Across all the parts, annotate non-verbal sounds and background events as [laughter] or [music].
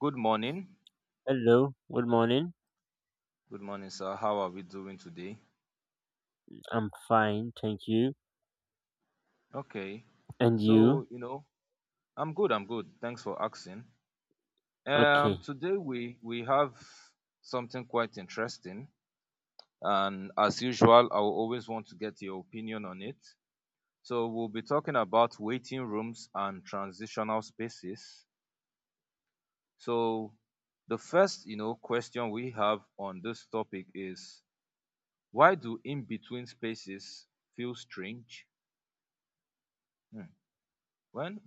Good morning. Hello, good morning. Good morning, sir. How are we doing today? I'm fine, thank you. Okay. And you? So, I'm good. I'm good. Thanks for asking. Okay. Today we have something quite interesting, and as usual, I will always want to get your opinion on it. So, we'll be talking about waiting rooms and transitional spaces. So, the first question we have on this topic is, why do in-between spaces feel strange? Hmm. when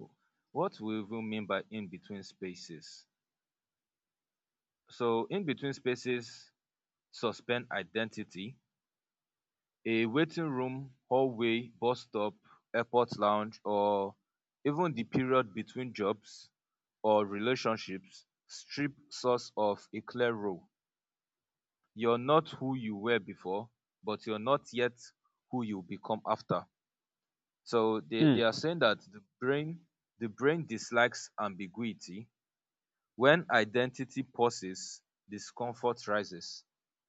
What we even mean by in between spaces. So in between spaces suspend identity: a waiting room, hallway, bus stop, airport lounge, or even the period between jobs or relationships strip source of a clear role. You're not who you were before, but you're not yet who you become after. So they, Mm, they are saying that the brain dislikes ambiguity. When identity pauses, discomfort rises.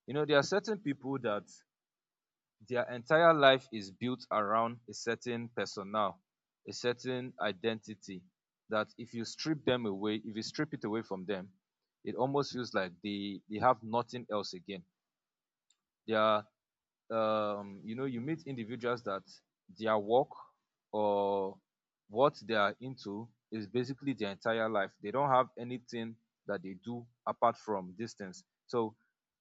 You know, there are certain people that their entire life is built around a certain persona, a certain identity, that if you strip them away, if you strip it away from them, it almost feels like they have nothing else again. They are You meet individuals that their work, or what they are into, is basically their entire life. They don't have anything that they do apart from distance. So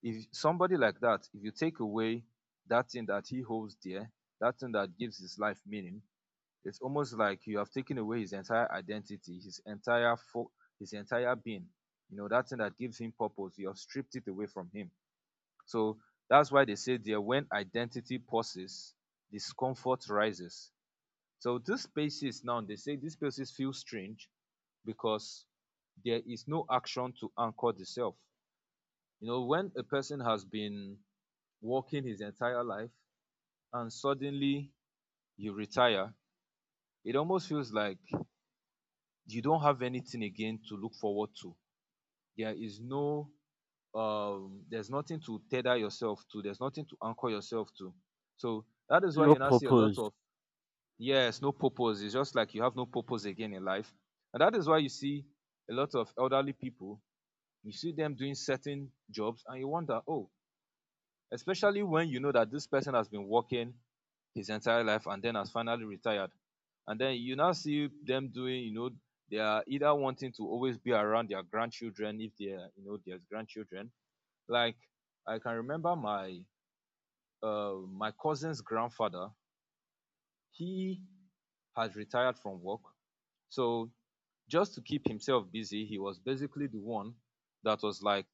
if somebody like that, if you take away that thing that he holds dear, that thing that gives his life meaning, it's almost like you have taken away his entire identity, his his entire being. You know, that thing that gives him purpose, you have stripped it away from him. So that's why they say there, when identity pauses, discomfort rises. So these spaces now, they say these spaces feel strange because there is no action to anchor the self. You know, when a person has been working his entire life and suddenly you retire, it almost feels like you don't have anything again to look forward to. There is no, there's nothing to tether yourself to, there's nothing to anchor yourself to. So that is why no you now see a lot purpose. of, yes, no purpose. It's just like you have no purpose again in life, and that is why you see a lot of elderly people. You see them doing certain jobs and you wonder, oh, especially when you know that this person has been working his entire life and then has finally retired, and then you now see them doing, you know, they are either wanting to always be around their grandchildren, if they are, you know, there's grandchildren. Like, I can remember my my cousin's grandfather. He had retired from work, so just to keep himself busy, he was basically the one that was like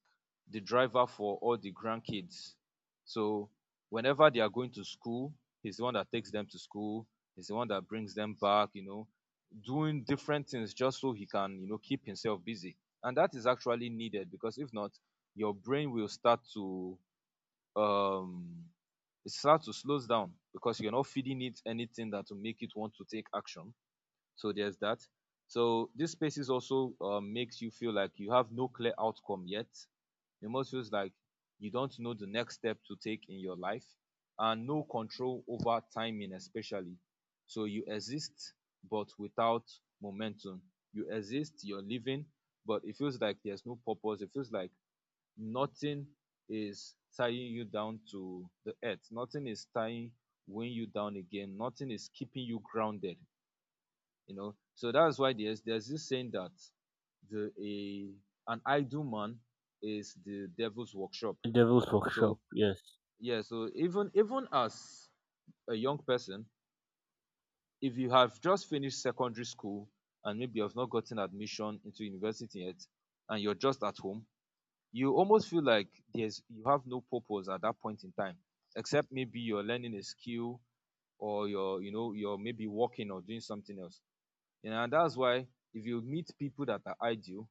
the driver for all the grandkids. So whenever they are going to school, he's the one that takes them to school, he's the one that brings them back, you know, doing different things just so he can, you know, keep himself busy. And that is actually needed, because if not, your brain will start to, um it starts to slow down, because you're not feeding it anything that will make it want to take action. So there's that. So these spaces also makes you feel like you have no clear outcome yet. It almost feels like you don't know the next step to take in your life, and no control over timing especially. So you exist, but without momentum. You exist, you're living, but it feels like there's no purpose. It feels like nothing is tying you down to the earth. Nothing is tying, weighing you down again. Nothing is keeping you grounded. You know, so that's why there's this saying that the a an idle man is the devil's workshop. Devil's workshop, So yes. yeah, so even as a young person, if you have just finished secondary school and maybe you have not gotten admission into university yet, and you're just at home, you almost feel like there's, you have no purpose at that point in time, except maybe you're learning a skill, or you're, you know, you're maybe working or doing something else. And that's why, if you meet people that are ideal,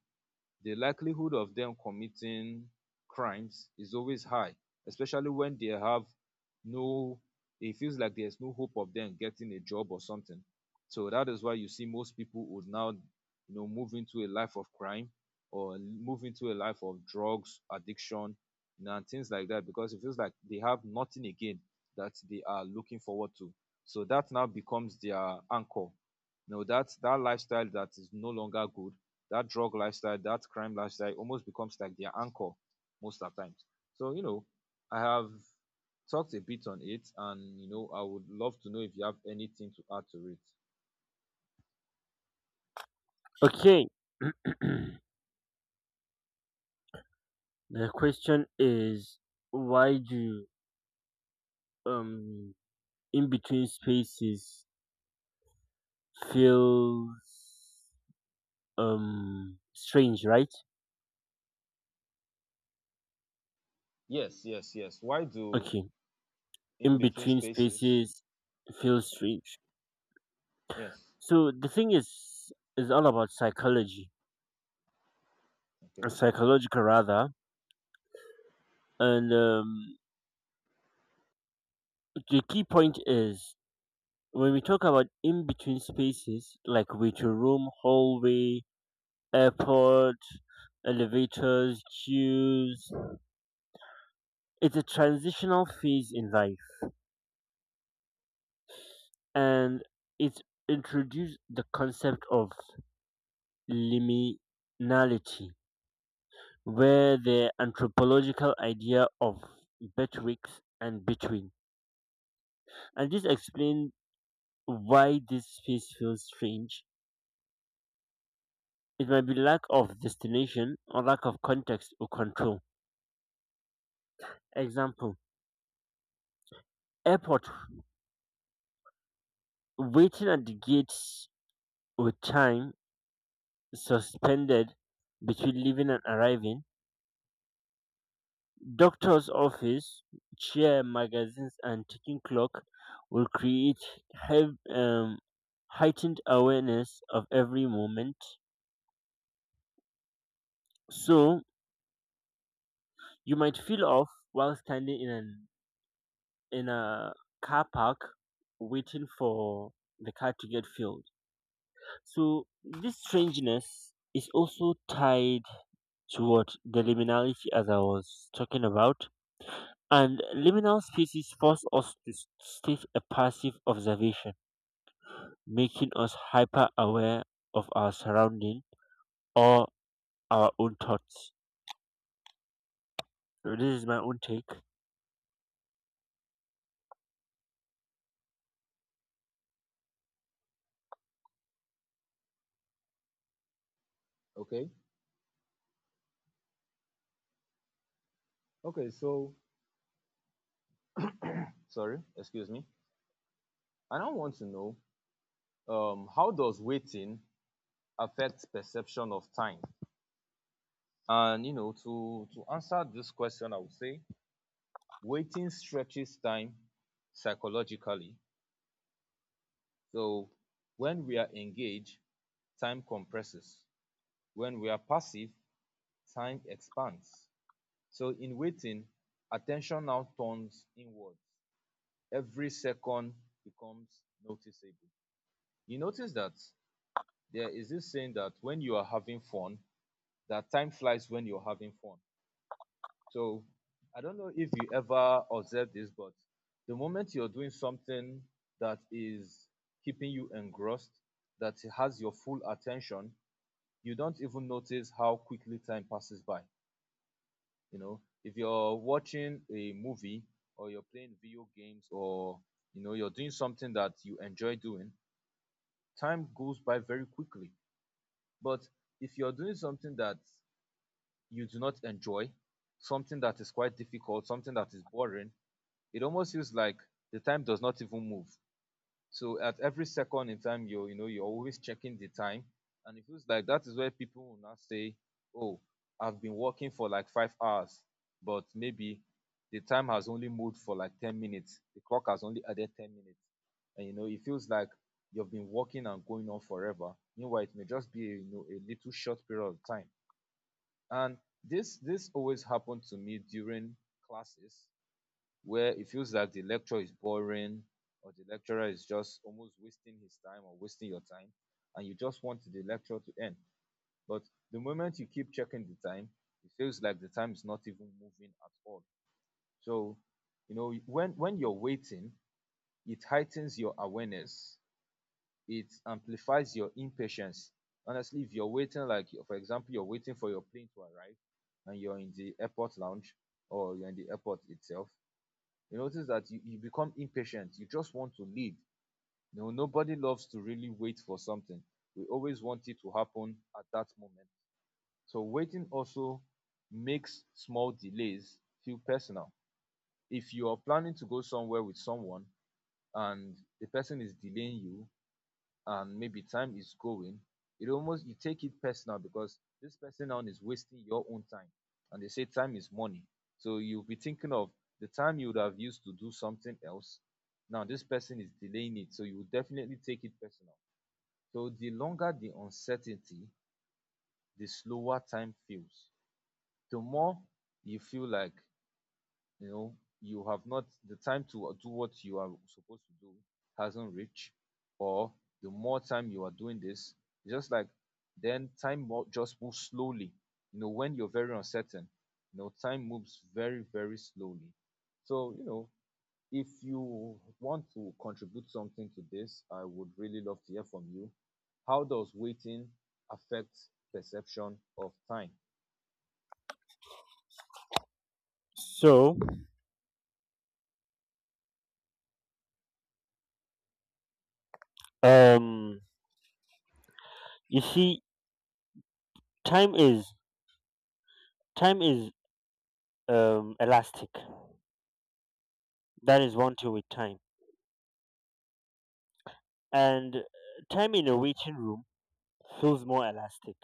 the likelihood of them committing crimes is always high, especially when they have no, it feels like there's no hope of them getting a job or something. So that is why you see most people would now, you know, move into a life of crime, or move into a life of drugs addiction, you know, and things like that, because it feels like they have nothing again that they are looking forward to. So that now becomes their anchor. You know, that that lifestyle that is no longer good, that drug lifestyle, that crime lifestyle almost becomes like their anchor most of the times. So, you know, I have talked a bit on it, and, you know, I would love to know if you have anything to add to it. Okay. [clears throat] The question is, why do um in between spaces feels strange, right? Yes, yes, yes. Why do Okay. in In between between spaces? spaces feels strange. Yes. So the thing is all about psychology. Okay. Psychological, rather. And The key point is, when we talk about in between spaces like waiting room, hallway, airport, elevators, queues, it's a transitional phase in life, and it introduced the concept of liminality, where the anthropological idea of betwixt and between. And this explains why this space feels strange. It might be lack of destination or lack of context or control. Example: airport, waiting at the gates with time suspended between leaving and arriving. Doctor's office, chair, magazines, and ticking clock will create hev- um, heightened awareness of every moment. So you might feel off while standing in a car park waiting for the car to get filled. So this strangeness is also tied to what the liminality, as I was talking about. And liminal spaces force us to stay a passive observation, making us hyper aware of our surrounding or our own thoughts. So this is my own take. Okay. Okay, so sorry, excuse me. I now want to know, how does waiting affect perception of time? And, you know, to answer this question, I would say waiting stretches time psychologically. So when we are engaged, time compresses. When we are passive, time expands. So in waiting, attention now turns inwards. Every second becomes noticeable. You notice that there is this saying that when you are having fun, that time flies when you're having fun. So I don't know if you ever observe this, but the moment you're doing something that is keeping you engrossed, that has your full attention, you don't even notice how quickly time passes by. You know, if you're watching a movie, or you're playing video games, or, you know, you're doing something that you enjoy doing, time goes by very quickly. But if you're doing something that you do not enjoy, something that is quite difficult, something that is boring, it almost feels like the time does not even move. So at every second in time, you're, you know, you're always checking the time, and it feels like that is where people will now say, "Oh, I've been working for like 5 hours, but maybe the time has only moved for like 10 minutes. The clock has only added 10 minutes," and you know it feels like you've been working and going on forever. Meanwhile, it may just be, you know, a little short period of time, and this always happened to me during classes where it feels like the lecture is boring, or the lecturer is just almost wasting his time or wasting your time, and you just want the lecture to end. But the moment you keep checking the time, it feels like the time is not even moving at all. So, you know, when you're waiting, it heightens your awareness. It amplifies your impatience. Honestly, if you're waiting, like for example, you're waiting for your plane to arrive and you're in the airport lounge or you're in the airport itself, you notice that you become impatient. You just want to lead. You know, nobody loves to really wait for something. We always want it to happen at that moment. So waiting also makes small delays feel personal. If you are planning to go somewhere with someone and the person is delaying you, and maybe time is going, it almost, you take it personal, because this person now is wasting your own time. And they say time is money. So you'll be thinking of the time you would have used to do something else. Now this person is delaying it. So you will definitely take it personal. So the longer the uncertainty, the slower time feels. The more you feel like, you know, you have not, the time to do what you are supposed to do hasn't reached, or the more time you are doing this, just like, then time just moves slowly. You know, when you're very uncertain, you know, time moves very, very slowly. So, you know, if you want to contribute something to this, I would really love to hear from you. How does waiting affect perception of time? So um you see, time is time is elastic. That is one thing with time. And time in a waiting room feels more elastic.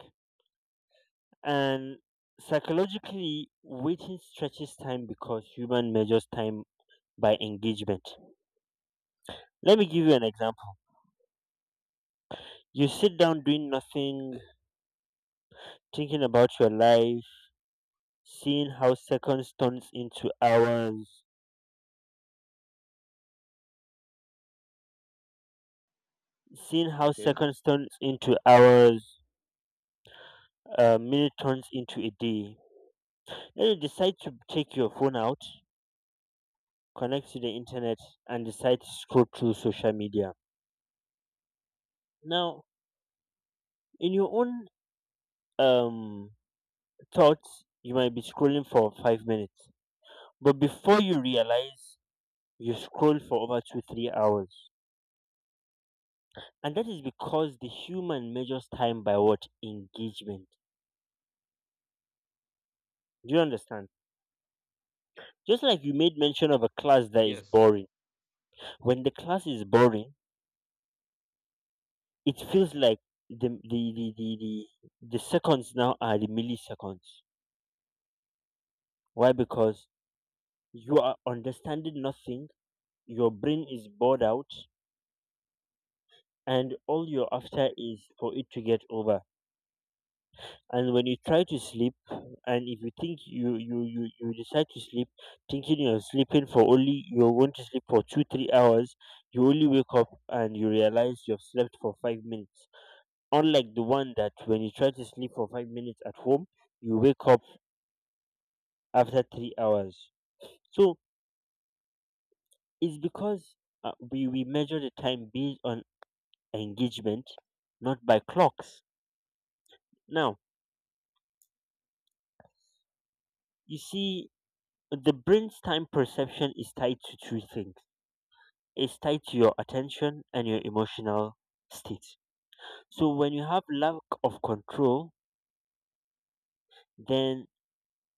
And psychologically, waiting stretches time because human measures time by engagement. Let me give you an example. You sit down doing nothing, thinking about your life, seeing how seconds turns into hours, seeing how Okay. seconds turns into hours, a minute turns into a day. Then you decide to take your phone out, connect to the internet, and decide to scroll through social media. Now, in your own um thought, you might be scrolling for 5 minutes. But before you realize, you scroll for over two, 3 hours. And that is because the human measures time by what? Engagement. Do you understand? Just like you made mention of a class that is Yes, boring. When the class is boring, it feels like the the the the, the, the seconds now are the milliseconds. Why? Because you are understanding nothing, your brain is bored out, and all you're after is for it to get over. And when you try to sleep, and if you think you decide to sleep thinking you're sleeping for only, you're going to sleep for 2 3 hours, you only wake up and you realize you've slept for 5 minutes, unlike the one that when you try to sleep for 5 minutes at home, you wake up after 3 hours. So it's because we measure the time based on engagement, not by clocks. Now, you see, the brain's time perception is tied to two things, is tied to your attention and your emotional state. So when you have lack of control, then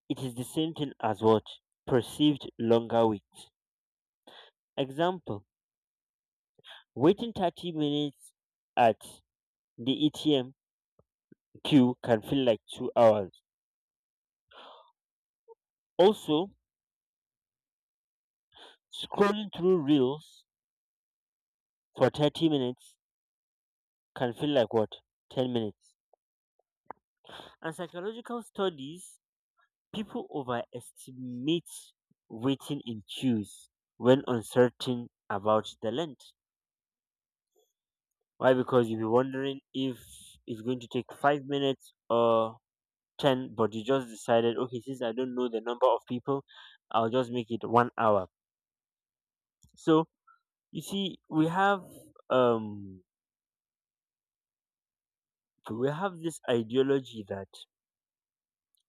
it is the same thing as what? Perceived longer wait. Example, waiting 30 minutes at the ATM queue can feel like 2 hours. Also, scrolling through reels for 30 minutes can feel like what? 10 minutes. And psychological studies: people overestimate waiting in queues when uncertain about the length. Why? Because you'll be wondering if it's going to take 5 minutes or 10, but you just decided, okay, since I don't know the number of people, I'll just make it 1 hour. So, you see, um, we have this ideology that,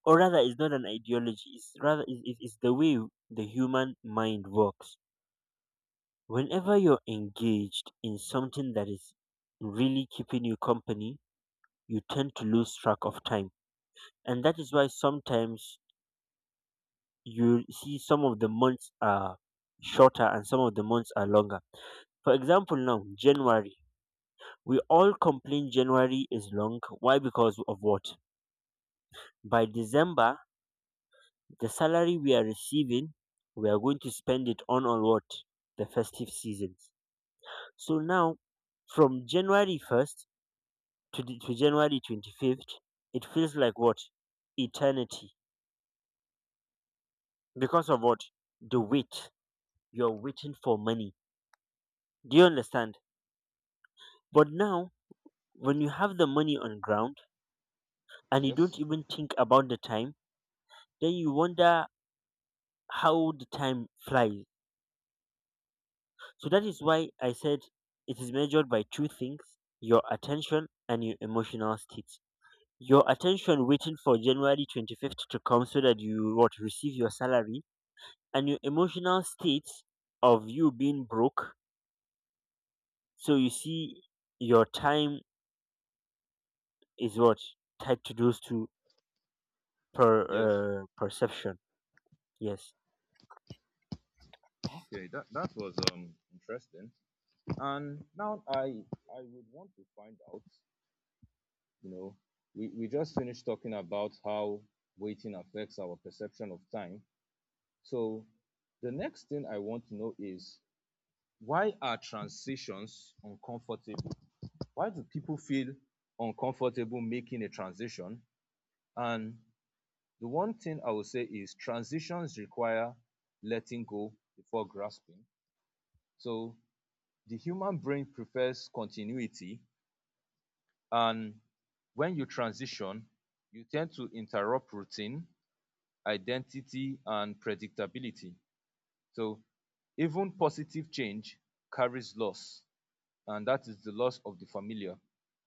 or rather, it's not an ideology, it's rather, it's the way the human mind works. Whenever you're engaged in something that is really keeping you company, you tend to lose track of time. And that is why sometimes you see some of the months are shorter and some of the months are longer. For example, now, January. We all complain January is long. Why? Because of what? By December, the salary we are receiving, we are going to spend it on what? The festive seasons. So now, from January 1st to January 25th, it feels like what? Eternity. Because of what? The wait. You're waiting for money. Do you understand? But now, when you have the money on ground and you don't yes, even think about the time, then you wonder how the time flies. So that is why I said it is measured by two things: your attention and your emotional state. Your attention waiting for January 25th to come so that you what receive your salary, and your emotional state of you being broke. So you see, your time is what tied to those two yes. Perception. Yes. Okay, that was interesting. And now I would want to find out, you know, we just finished talking about how waiting affects our perception of time. So the next thing I want to know is, why are transitions uncomfortable? Why do people feel uncomfortable making a transition? And the one thing I would say is transitions require letting go before grasping. So the human brain prefers continuity, and when you transition you tend to interrupt routine, identity and predictability. So even positive change carries loss, and that is the loss of the familiar.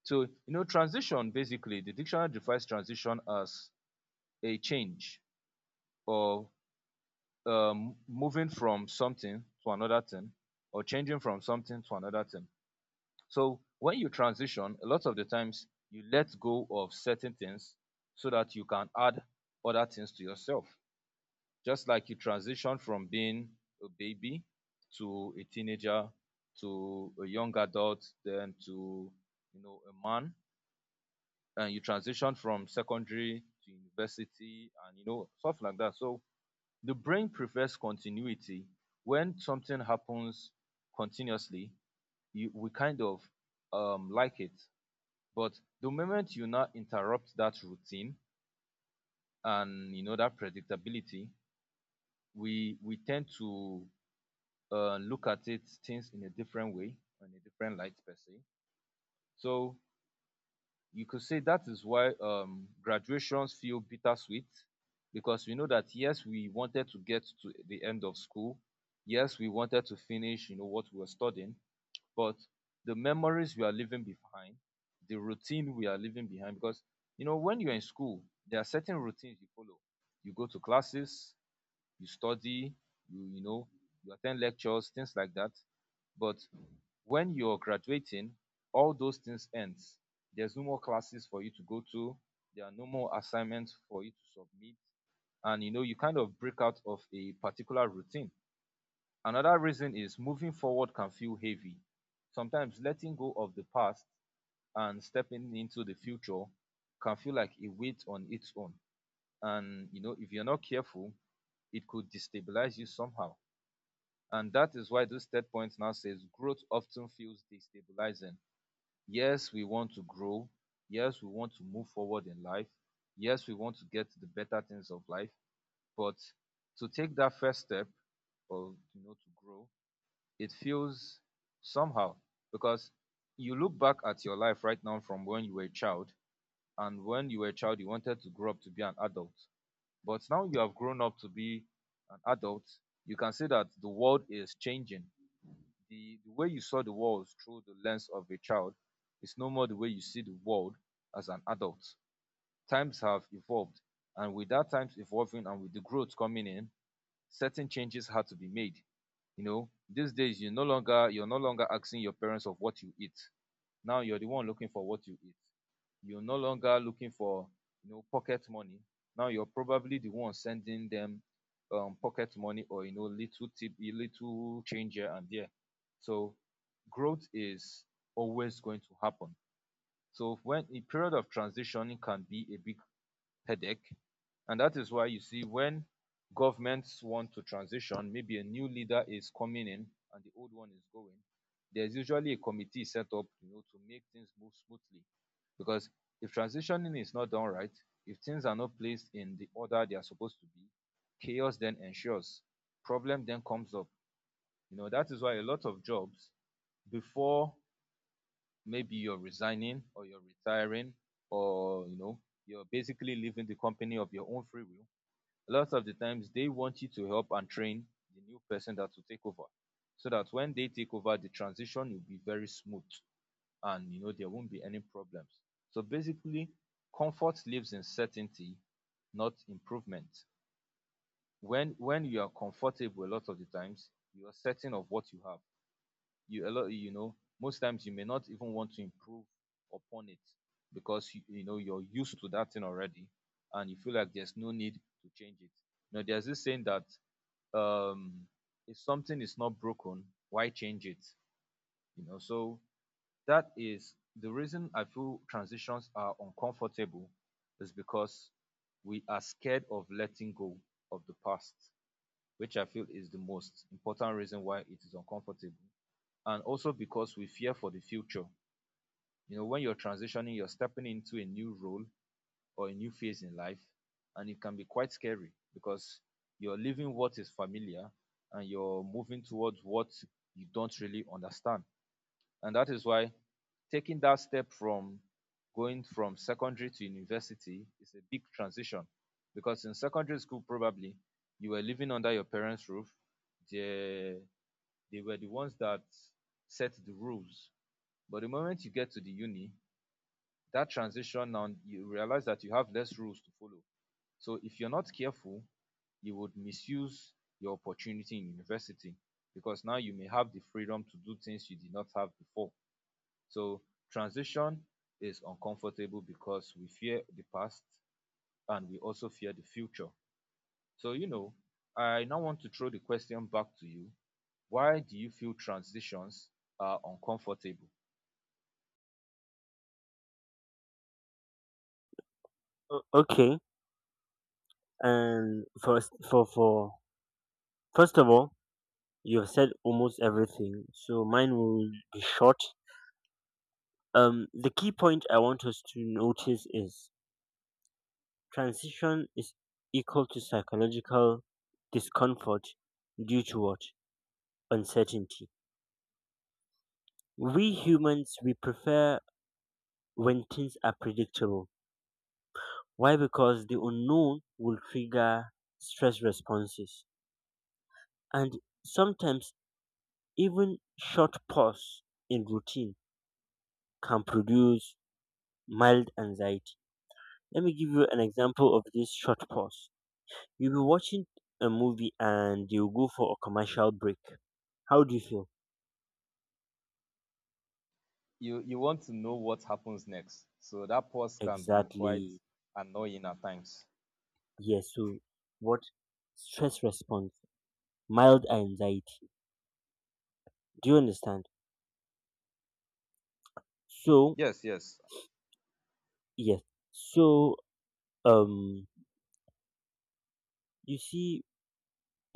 So you know, transition, basically the dictionary defines transition as a change, or moving from something to another thing, or changing from something to another thing. So when you transition, a lot of the times you let go of certain things so that you can add other things to yourself. Just like you transition from being a baby to a teenager to a young adult, then to, you know, a man, and you transition from secondary to university and you know stuff like that. So the brain prefers continuity. When something happens continuously, we kind of like it, but the moment you now interrupt that routine and you know, that predictability, we tend to look at it, things in a different way, in a different light per se. So you could say that is why graduations feel bittersweet, because we know that yes, we wanted to get to the end of school, yes, we wanted to finish, you know, what we were studying, but the memories we are leaving behind, the routine we are leaving behind, because you know, when you're in school, there are certain routines you follow. You go to classes, you study, you know, you attend lectures, things like that. But when you're graduating, all those things end. There's no more classes for you to go to. There are no more assignments for you to submit, and you know, you kind of break out of a particular routine. Another reason is moving forward can feel heavy. Sometimes letting go of the past and stepping into the future can feel like a weight on its own. And you know, if you're not careful, it could destabilize you somehow. And that is why this third point now says growth often feels destabilizing. Yes, we want to grow. Yes, we want to move forward in life. Yes, we want to get the better things of life. But to take that first step, or you know, to grow, it feels somehow, because you look back at your life right now from when you were a child, and when you were a child you wanted to grow up to be an adult, but now you have grown up to be an adult. You can see that the world is changing. The way you saw the world through the lens of a child is no more the way you see the world as an adult. Times have evolved, and with that times evolving and with the growth coming in, certain changes had to be made. You know, these days you're no longer asking your parents of what you eat. Now you're the one looking for what you eat. You're no longer looking for, you know, pocket money. Now you're probably the one sending them pocket money, or you know, little tip, little change here and there. So growth is always going to happen. So when a period of transition can be a big headache. And that is why you see, when governments want to transition, maybe a new leader is coming in and the old one is going, there's usually a committee set up, you know, to make things move smoothly. Because if transitioning is not done right, if things are not placed in the order they are supposed to be, chaos then ensures, problem then comes up. You know, that is why a lot of jobs, before, maybe you're resigning or you're retiring, or you know, you're basically leaving the company of your own free will, a lot of the times they want you to help and train the new person that will take over, so that when they take over, the transition will be very smooth and you know, there won't be any problems. So basically, comfort lives in certainty, not improvement. When you are comfortable, a lot of the times you are certain of what you have. You a lot you know most times you may not even want to improve upon it, because you know you're used to that thing already, and you feel like there's no need to change it. You know, there's this saying that, um if something is not broken, why change it? You know, so that is the reason I feel transitions are uncomfortable, is because we are scared of letting go of the past, which I feel is the most important reason why it is uncomfortable, and also because we fear for the future. You know, when you're transitioning, you're stepping into a new role or a new phase in life, and it can be quite scary because you're leaving what is familiar and you're moving towards what you don't really understand. And that is why taking that step from going from secondary to university is a big transition, because in secondary school, probably you were living under your parents' roof. They, they were the ones that set the rules. But the moment you get to the uni, that transition, now you realize that you have less rules to follow. So if you're not careful, you would misuse your opportunity in university, because now you may have the freedom to do things you did not have before. So transition is uncomfortable because we fear the past and we also fear the future. So you know, I now want to throw the question back to you. Why do you feel transitions are uncomfortable? Okay. And first, for first of all, you have said almost everything. So mine will be short. The key point I want us to notice is, transition is equal to psychological discomfort due to what? Uncertainty. We humans, we prefer when things are predictable. Why? Because the unknown will trigger stress responses. And sometimes even short pause in routine can produce mild anxiety. Let me give you an example of this short pause. You'll be watching a movie and you'll go for a commercial break. How do you feel? You want to know what happens next. So that pause can be quite Exactly. annoying at times. Yes. So, what stress response? Mild anxiety. Do you understand? So, Yes, yes. yes. So um you see,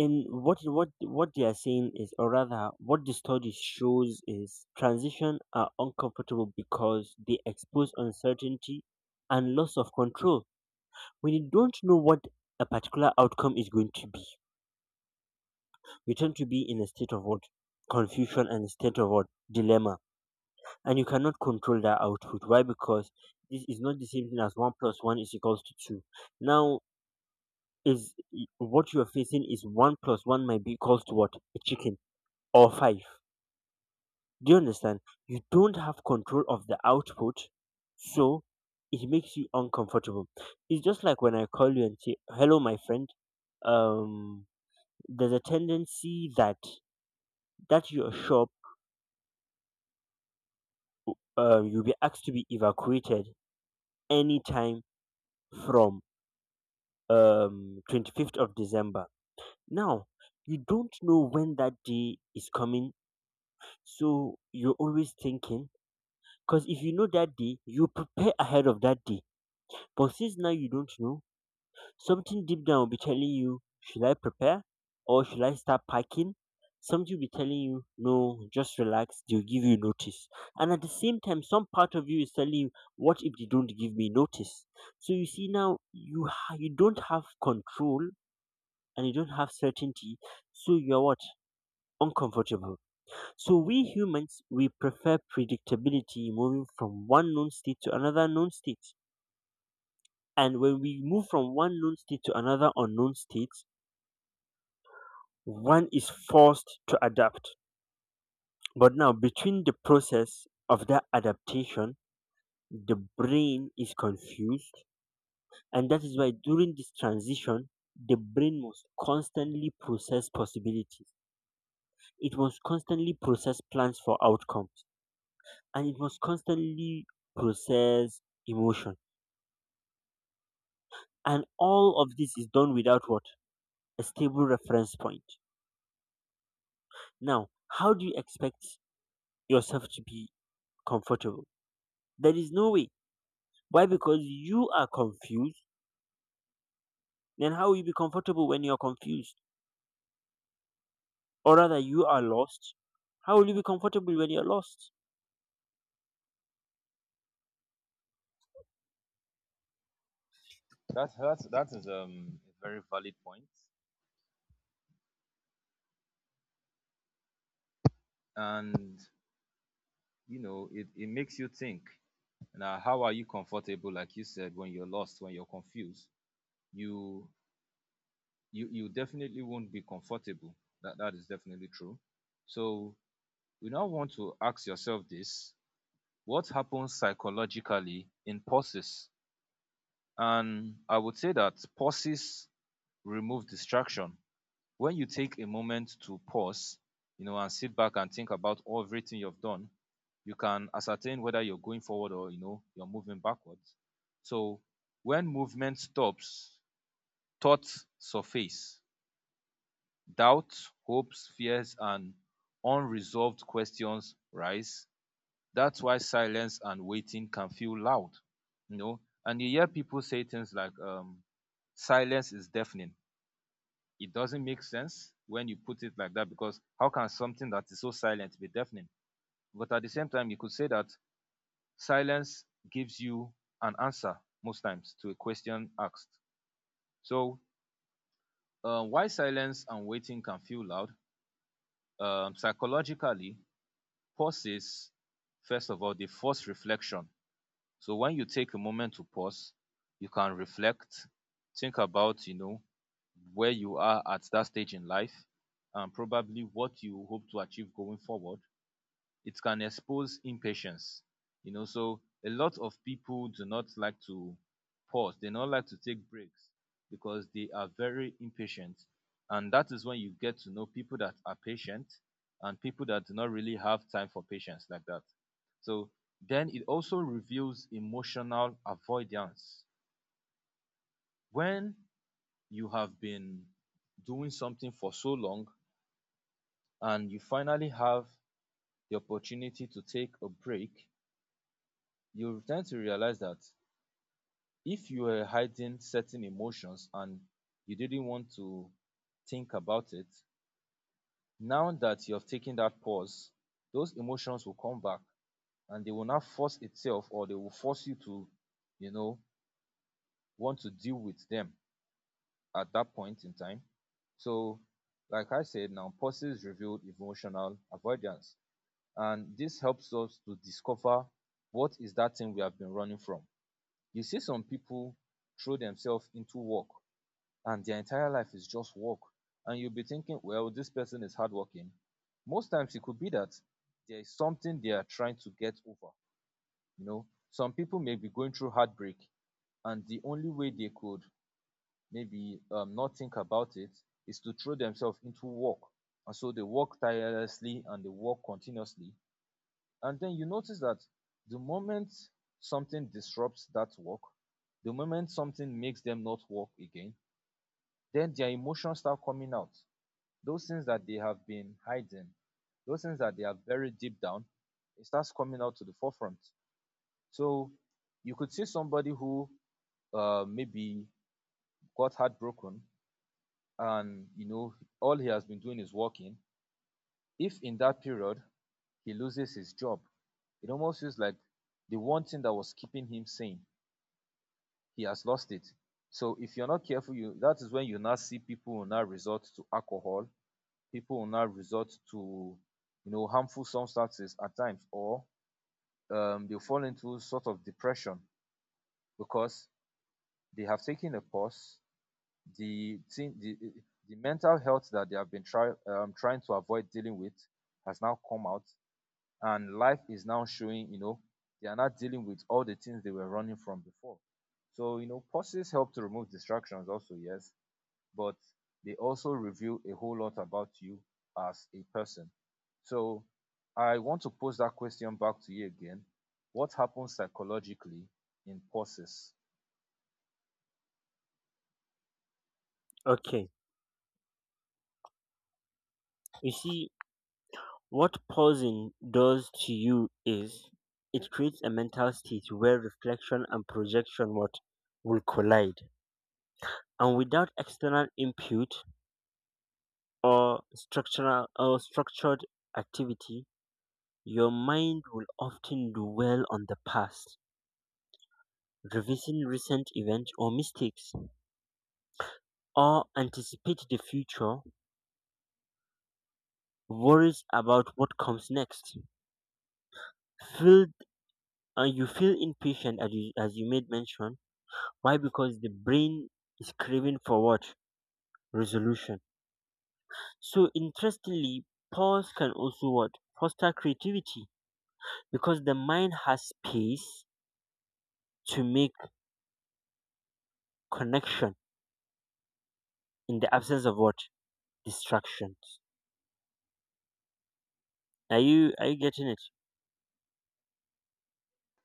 in what they are saying is, or rather what the study shows is, transition are uncomfortable because they expose uncertainty and loss of control. When you don't know what a particular outcome is going to be, you tend to be in a state of what? Confusion. And state of what? Dilemma. And you cannot control that output. Why? Because this is not the same thing as one plus one is equals to two. Now, is what you are facing is, one plus one might be equals to what? A chicken. Or five. Do you understand? You don't have control of the output. So it makes you uncomfortable. It's just like when I call you and say, hello my friend. um there's a tendency that your shop, you'll be asked to be evacuated anytime from 25th of December. Now you don't know when that day is coming. So you're always thinking. Because if you know that day, you prepare ahead of that day. But since now you don't know, something deep down will be telling you, should I prepare or should I start packing? Something will be telling you, no, just relax, they'll give you notice. And at the same time, some part of you is telling you, what if they don't give me notice? So you see now, you don't have control, and you don't have certainty. So you're what? Uncomfortable. So we humans, we prefer predictability, moving from one known state to another known state. And when we move from one known state to another unknown state, one is forced to adapt. But now, between the process of that adaptation, the brain is confused, and that is why during this transition the brain must constantly process possibilities. It must constantly process plans for outcomes, and it must constantly process emotion. And all of this is done without what? A stable reference point. Now, how do you expect yourself to be comfortable? There is no way. Why? Because you are confused. Then how will you be comfortable when you're confused? Or rather, you are lost. How will you be comfortable when you're lost? That that is a very valid point. And you know, it makes you think. Now, how are you comfortable, like you said, when you're lost, when you're confused? You you definitely won't be comfortable. That is definitely true. So you now want to ask yourself this: what happens psychologically in pauses? And I would say that pauses remove distraction. When you take a moment to pause, you know, and sit back and think about everything you've done, you can ascertain whether you're going forward, or you know, you're moving backwards. So when movement stops, thoughts surface. Doubts, hopes, fears, and unresolved questions rise. That's why silence and waiting can feel loud, you know. And you hear people say things like, silence is deafening. It doesn't make sense when you put it like that, because how can something that is so silent be deafening? But at the same time, you could say that silence gives you an answer most times to a question asked. So, why silence and waiting can feel loud? Psychologically, pauses, first of all, they force reflection. So when you take a moment to pause, you can reflect, think about, you know, where you are at that stage in life and probably what you hope to achieve going forward. It can expose impatience. You know, so a lot of people do not like to pause. They don't like to take breaks because they are very impatient. And that is when you get to know people that are patient and people that do not really have time for patience like that. So then it also reveals emotional avoidance. When you have been doing something for so long and you finally have the opportunity to take a break, you tend to realize that if you were hiding certain emotions and you didn't want to think about it, now that you have taken that pause, those emotions will come back, and they will not force itself, or they will force you to, you know, want to deal with them at that point in time. So, like I said, now pauses reveal emotional avoidance. And this helps us to discover what is that thing we have been running from. You see, some people throw themselves into work, and their entire life is just work, and you'll be thinking, well, this person is hardworking. Most times it could be that there is something they are trying to get over. You know, some people may be going through heartbreak, and the only way they could maybe not think about it is to throw themselves into work. And so they work tirelessly and they work continuously, and then you notice that the moment something disrupts that work, the moment something makes them not work again, then their emotions start coming out. Those things that they have been hiding, those things that they are buried deep down, it starts coming out to the forefront. So you could see somebody who, maybe got heartbroken, and you know, all he has been doing is working. If in that period he loses his job, it almost feels like the one thing that was keeping him sane, he has lost it. So if you're not careful, you that is when you now see people will now resort to alcohol, people will now resort to, you know, harmful substances at times, or they fall into sort of depression, because they have taken a pause. The thing, the the mental health that they have been trying to avoid dealing with has now come out, and life is now showing. You know, they are not dealing with all the things they were running from before. So you know, pauses help to remove distractions. Also, yes, but they also reveal a whole lot about you as a person. So I want to pose that question back to you again. What happens psychologically in pauses? Okay. You see, what pausing does to you is, it creates a mental state where reflection and projection, what, will collide. And without external input, or structural or structured activity, your mind will often dwell on the past, revising recent events or mistakes, or anticipate the future, worries about what comes next. Feel You feel impatient as you made mention. Why? Because the brain is craving for what? Resolution. So interestingly, pause can also what? Foster creativity, because the mind has space to make connection in the absence of what? Distractions. Are you getting it?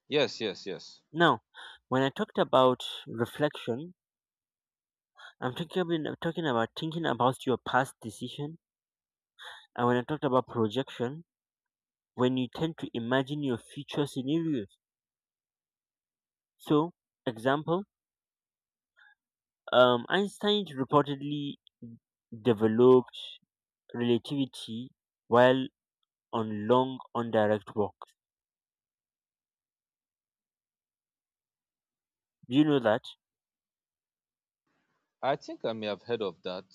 Yes, yes, yes. Now, when I talked about reflection, I'm talking about, thinking about your past decision. And when I talked about projection, when you tend to imagine your future scenarios. So, example, Einstein reportedly developed relativity while on long on direct walks. Do you know that? I think I may have heard of that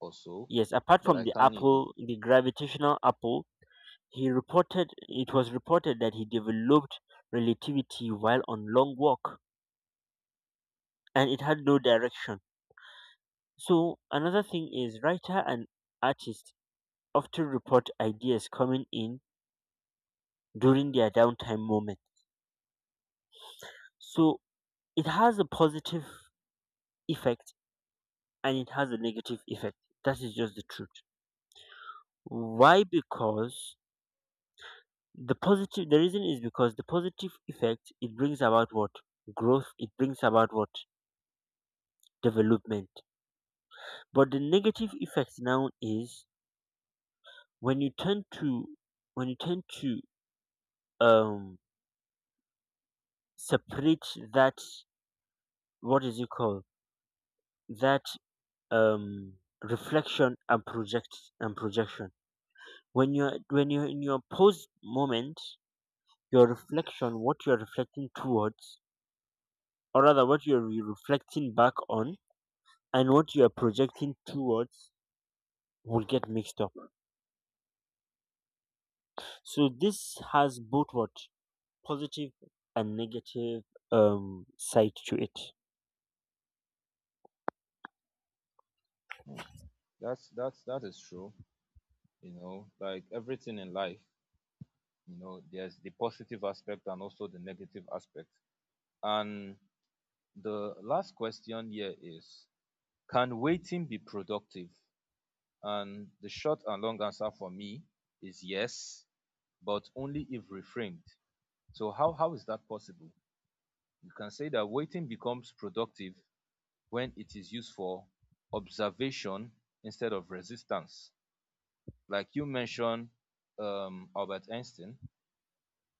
also, Yes, apart but from I the can't, you know. apple, the gravitational apple. He reported, it was reported that he developed relativity while on long walk, and it had no direction. So another thing is, writer and artists often report ideas coming in during their downtime moment. So it has a positive effect and it has a negative effect. That is just the truth. Why? Because the reason is because the positive effect it brings about what? Growth. It brings about what? Development. But the negative effect now is, when you tend to when you tend to um separate that, what is it called, that, um reflection and projection, when you're in your post moment. Your reflection, what you're reflecting towards, or rather what you're reflecting back on, and what you're projecting towards, will get mixed up. So this has both, what, positive and negative side to it. Hmm. That is true. You know, like everything in life, you know, there's the positive aspect and also the negative aspect. And the last question here is, can waiting be productive? And the short and long answer for me is yes, but only if reframed. So how is that possible? You can say that waiting becomes productive when it is used for observation instead of resistance. Like you mentioned Albert Einstein.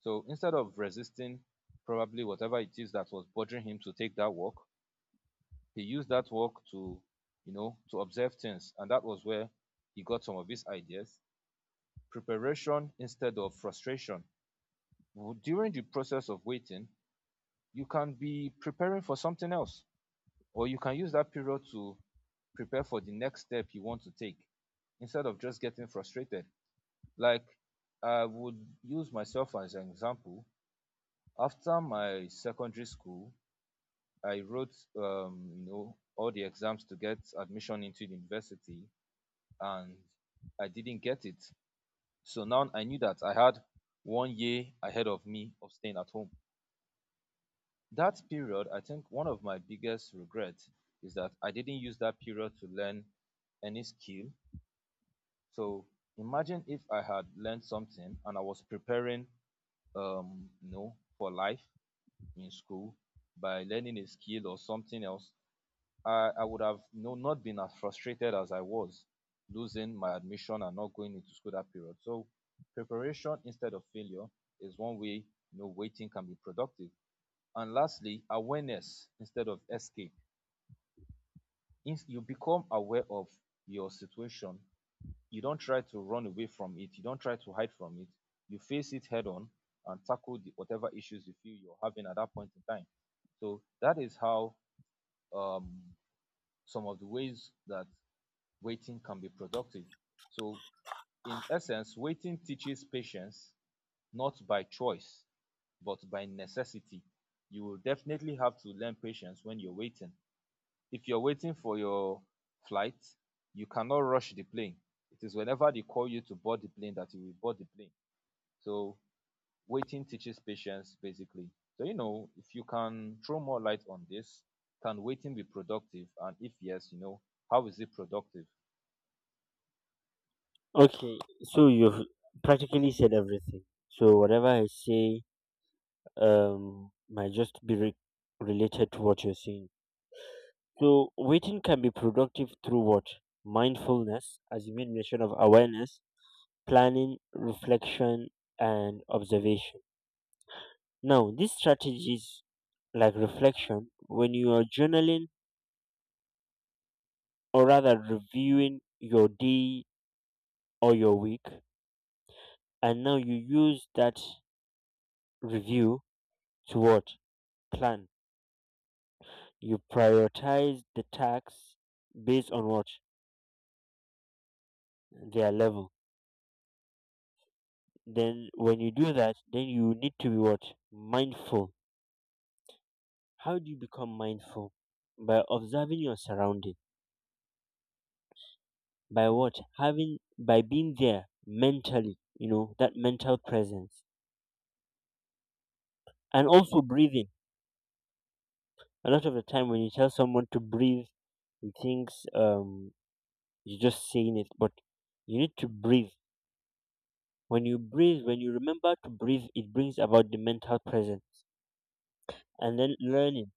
So instead of resisting probably whatever it is that was bothering him to take that walk, he used that walk to, you know, to observe things. And that was where he got some of his ideas preparation instead of frustration. During the process of waiting, you can be preparing for something else, or you can use that period to prepare for the next step you want to take instead of just getting frustrated. Like, I would use myself as an example. After my secondary school, I wrote, you know, all the exams to get admission into the university, and I didn't get it. So now I knew that I had 1 year ahead of me of staying at home. That period, I think one of my biggest regrets is that I didn't use that period to learn any skill. So imagine if I had learned something and I was preparing, you know, for life in school by learning a skill or something else I would have you know, not been as frustrated as I was losing my admission and not going into school that period. So preparation instead of failure is one way you know waiting can be productive. And lastly, awareness instead of escape. If you become aware of your situation, you don't try to run away from it, you don't try to hide from it, you face it head on and tackle the, whatever issues you feel you're having at that point in time. So that is how um, some of the ways that waiting can be productive. So, in essence, waiting teaches patience not by choice, but by necessity. You will definitely have to learn patience when you're waiting. If you're waiting for your flight, you cannot rush the plane. It is whenever they call you to board the plane that you will board the plane. So, waiting teaches patience basically. So, you know, if you can throw more light on this, can waiting be productive? And if yes, you know, how is it productive? Okay, so you've practically said everything. So whatever I say might just be related to what you're saying. So waiting can be productive through what? Mindfulness, as you made mention, of awareness, planning, reflection, and observation. Now, these strategies, like reflection, when you are journaling or rather reviewing your day or your week, and now you use that review to what? Plan. You prioritize the tasks based on what? Their level. Then when you do that, then you need to be what? Mindful. How do you become mindful? By observing your surrounding, by what? Having, by being there mentally, you know, that mental presence, and also breathing. A lot of the time when you tell someone to breathe, he thinks you're just saying it, but you need to breathe. When you breathe, when you remember to breathe, it brings about the mental presence, and then learning.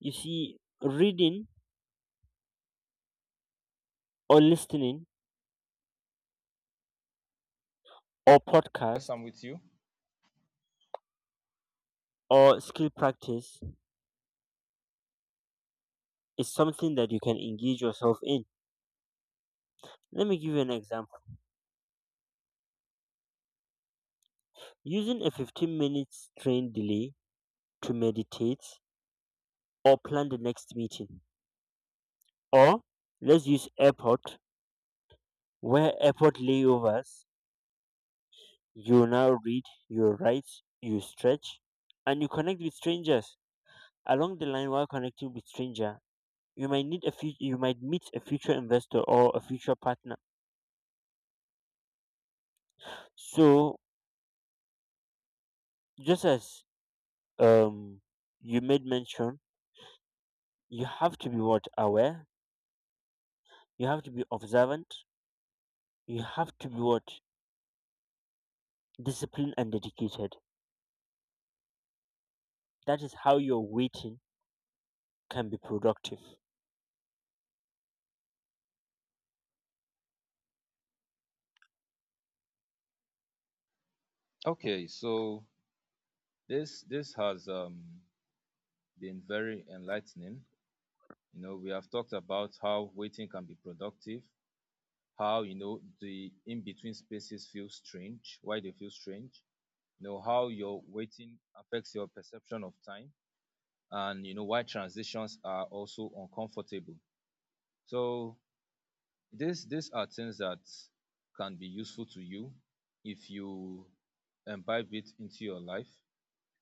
You see, reading or listening or Yes, podcast I'm with you. or skill practice is something that you can engage yourself in. Let me give you an example. Using a 15 minutes train delay to meditate or plan the next meeting. Or let's use airport, where airport layovers, you now read, you write, you stretch, and you connect with strangers. Along the line, while connecting with stranger, you might meet a future investor or a future partner. So just as um you made mention, you have to be what? Aware. You have to be observant. You have to be what? Disciplined and dedicated. That is how your waiting can be productive. Okay, so this has been very enlightening. You know, we have talked about how waiting can be productive, how you know the in between spaces feel strange, why they feel strange. You know how your waiting affects your perception of time, and you know why transitions are also uncomfortable. So this these are things that can be useful to you if you imbibe it into your life.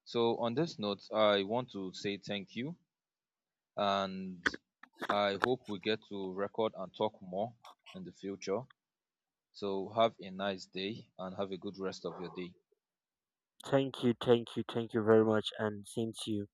So on this note, I want to say thank you and I hope we get to record and talk more in the future. So have a nice day and have a good rest of your day. Thank you, thank you, thank you very much, and same to you.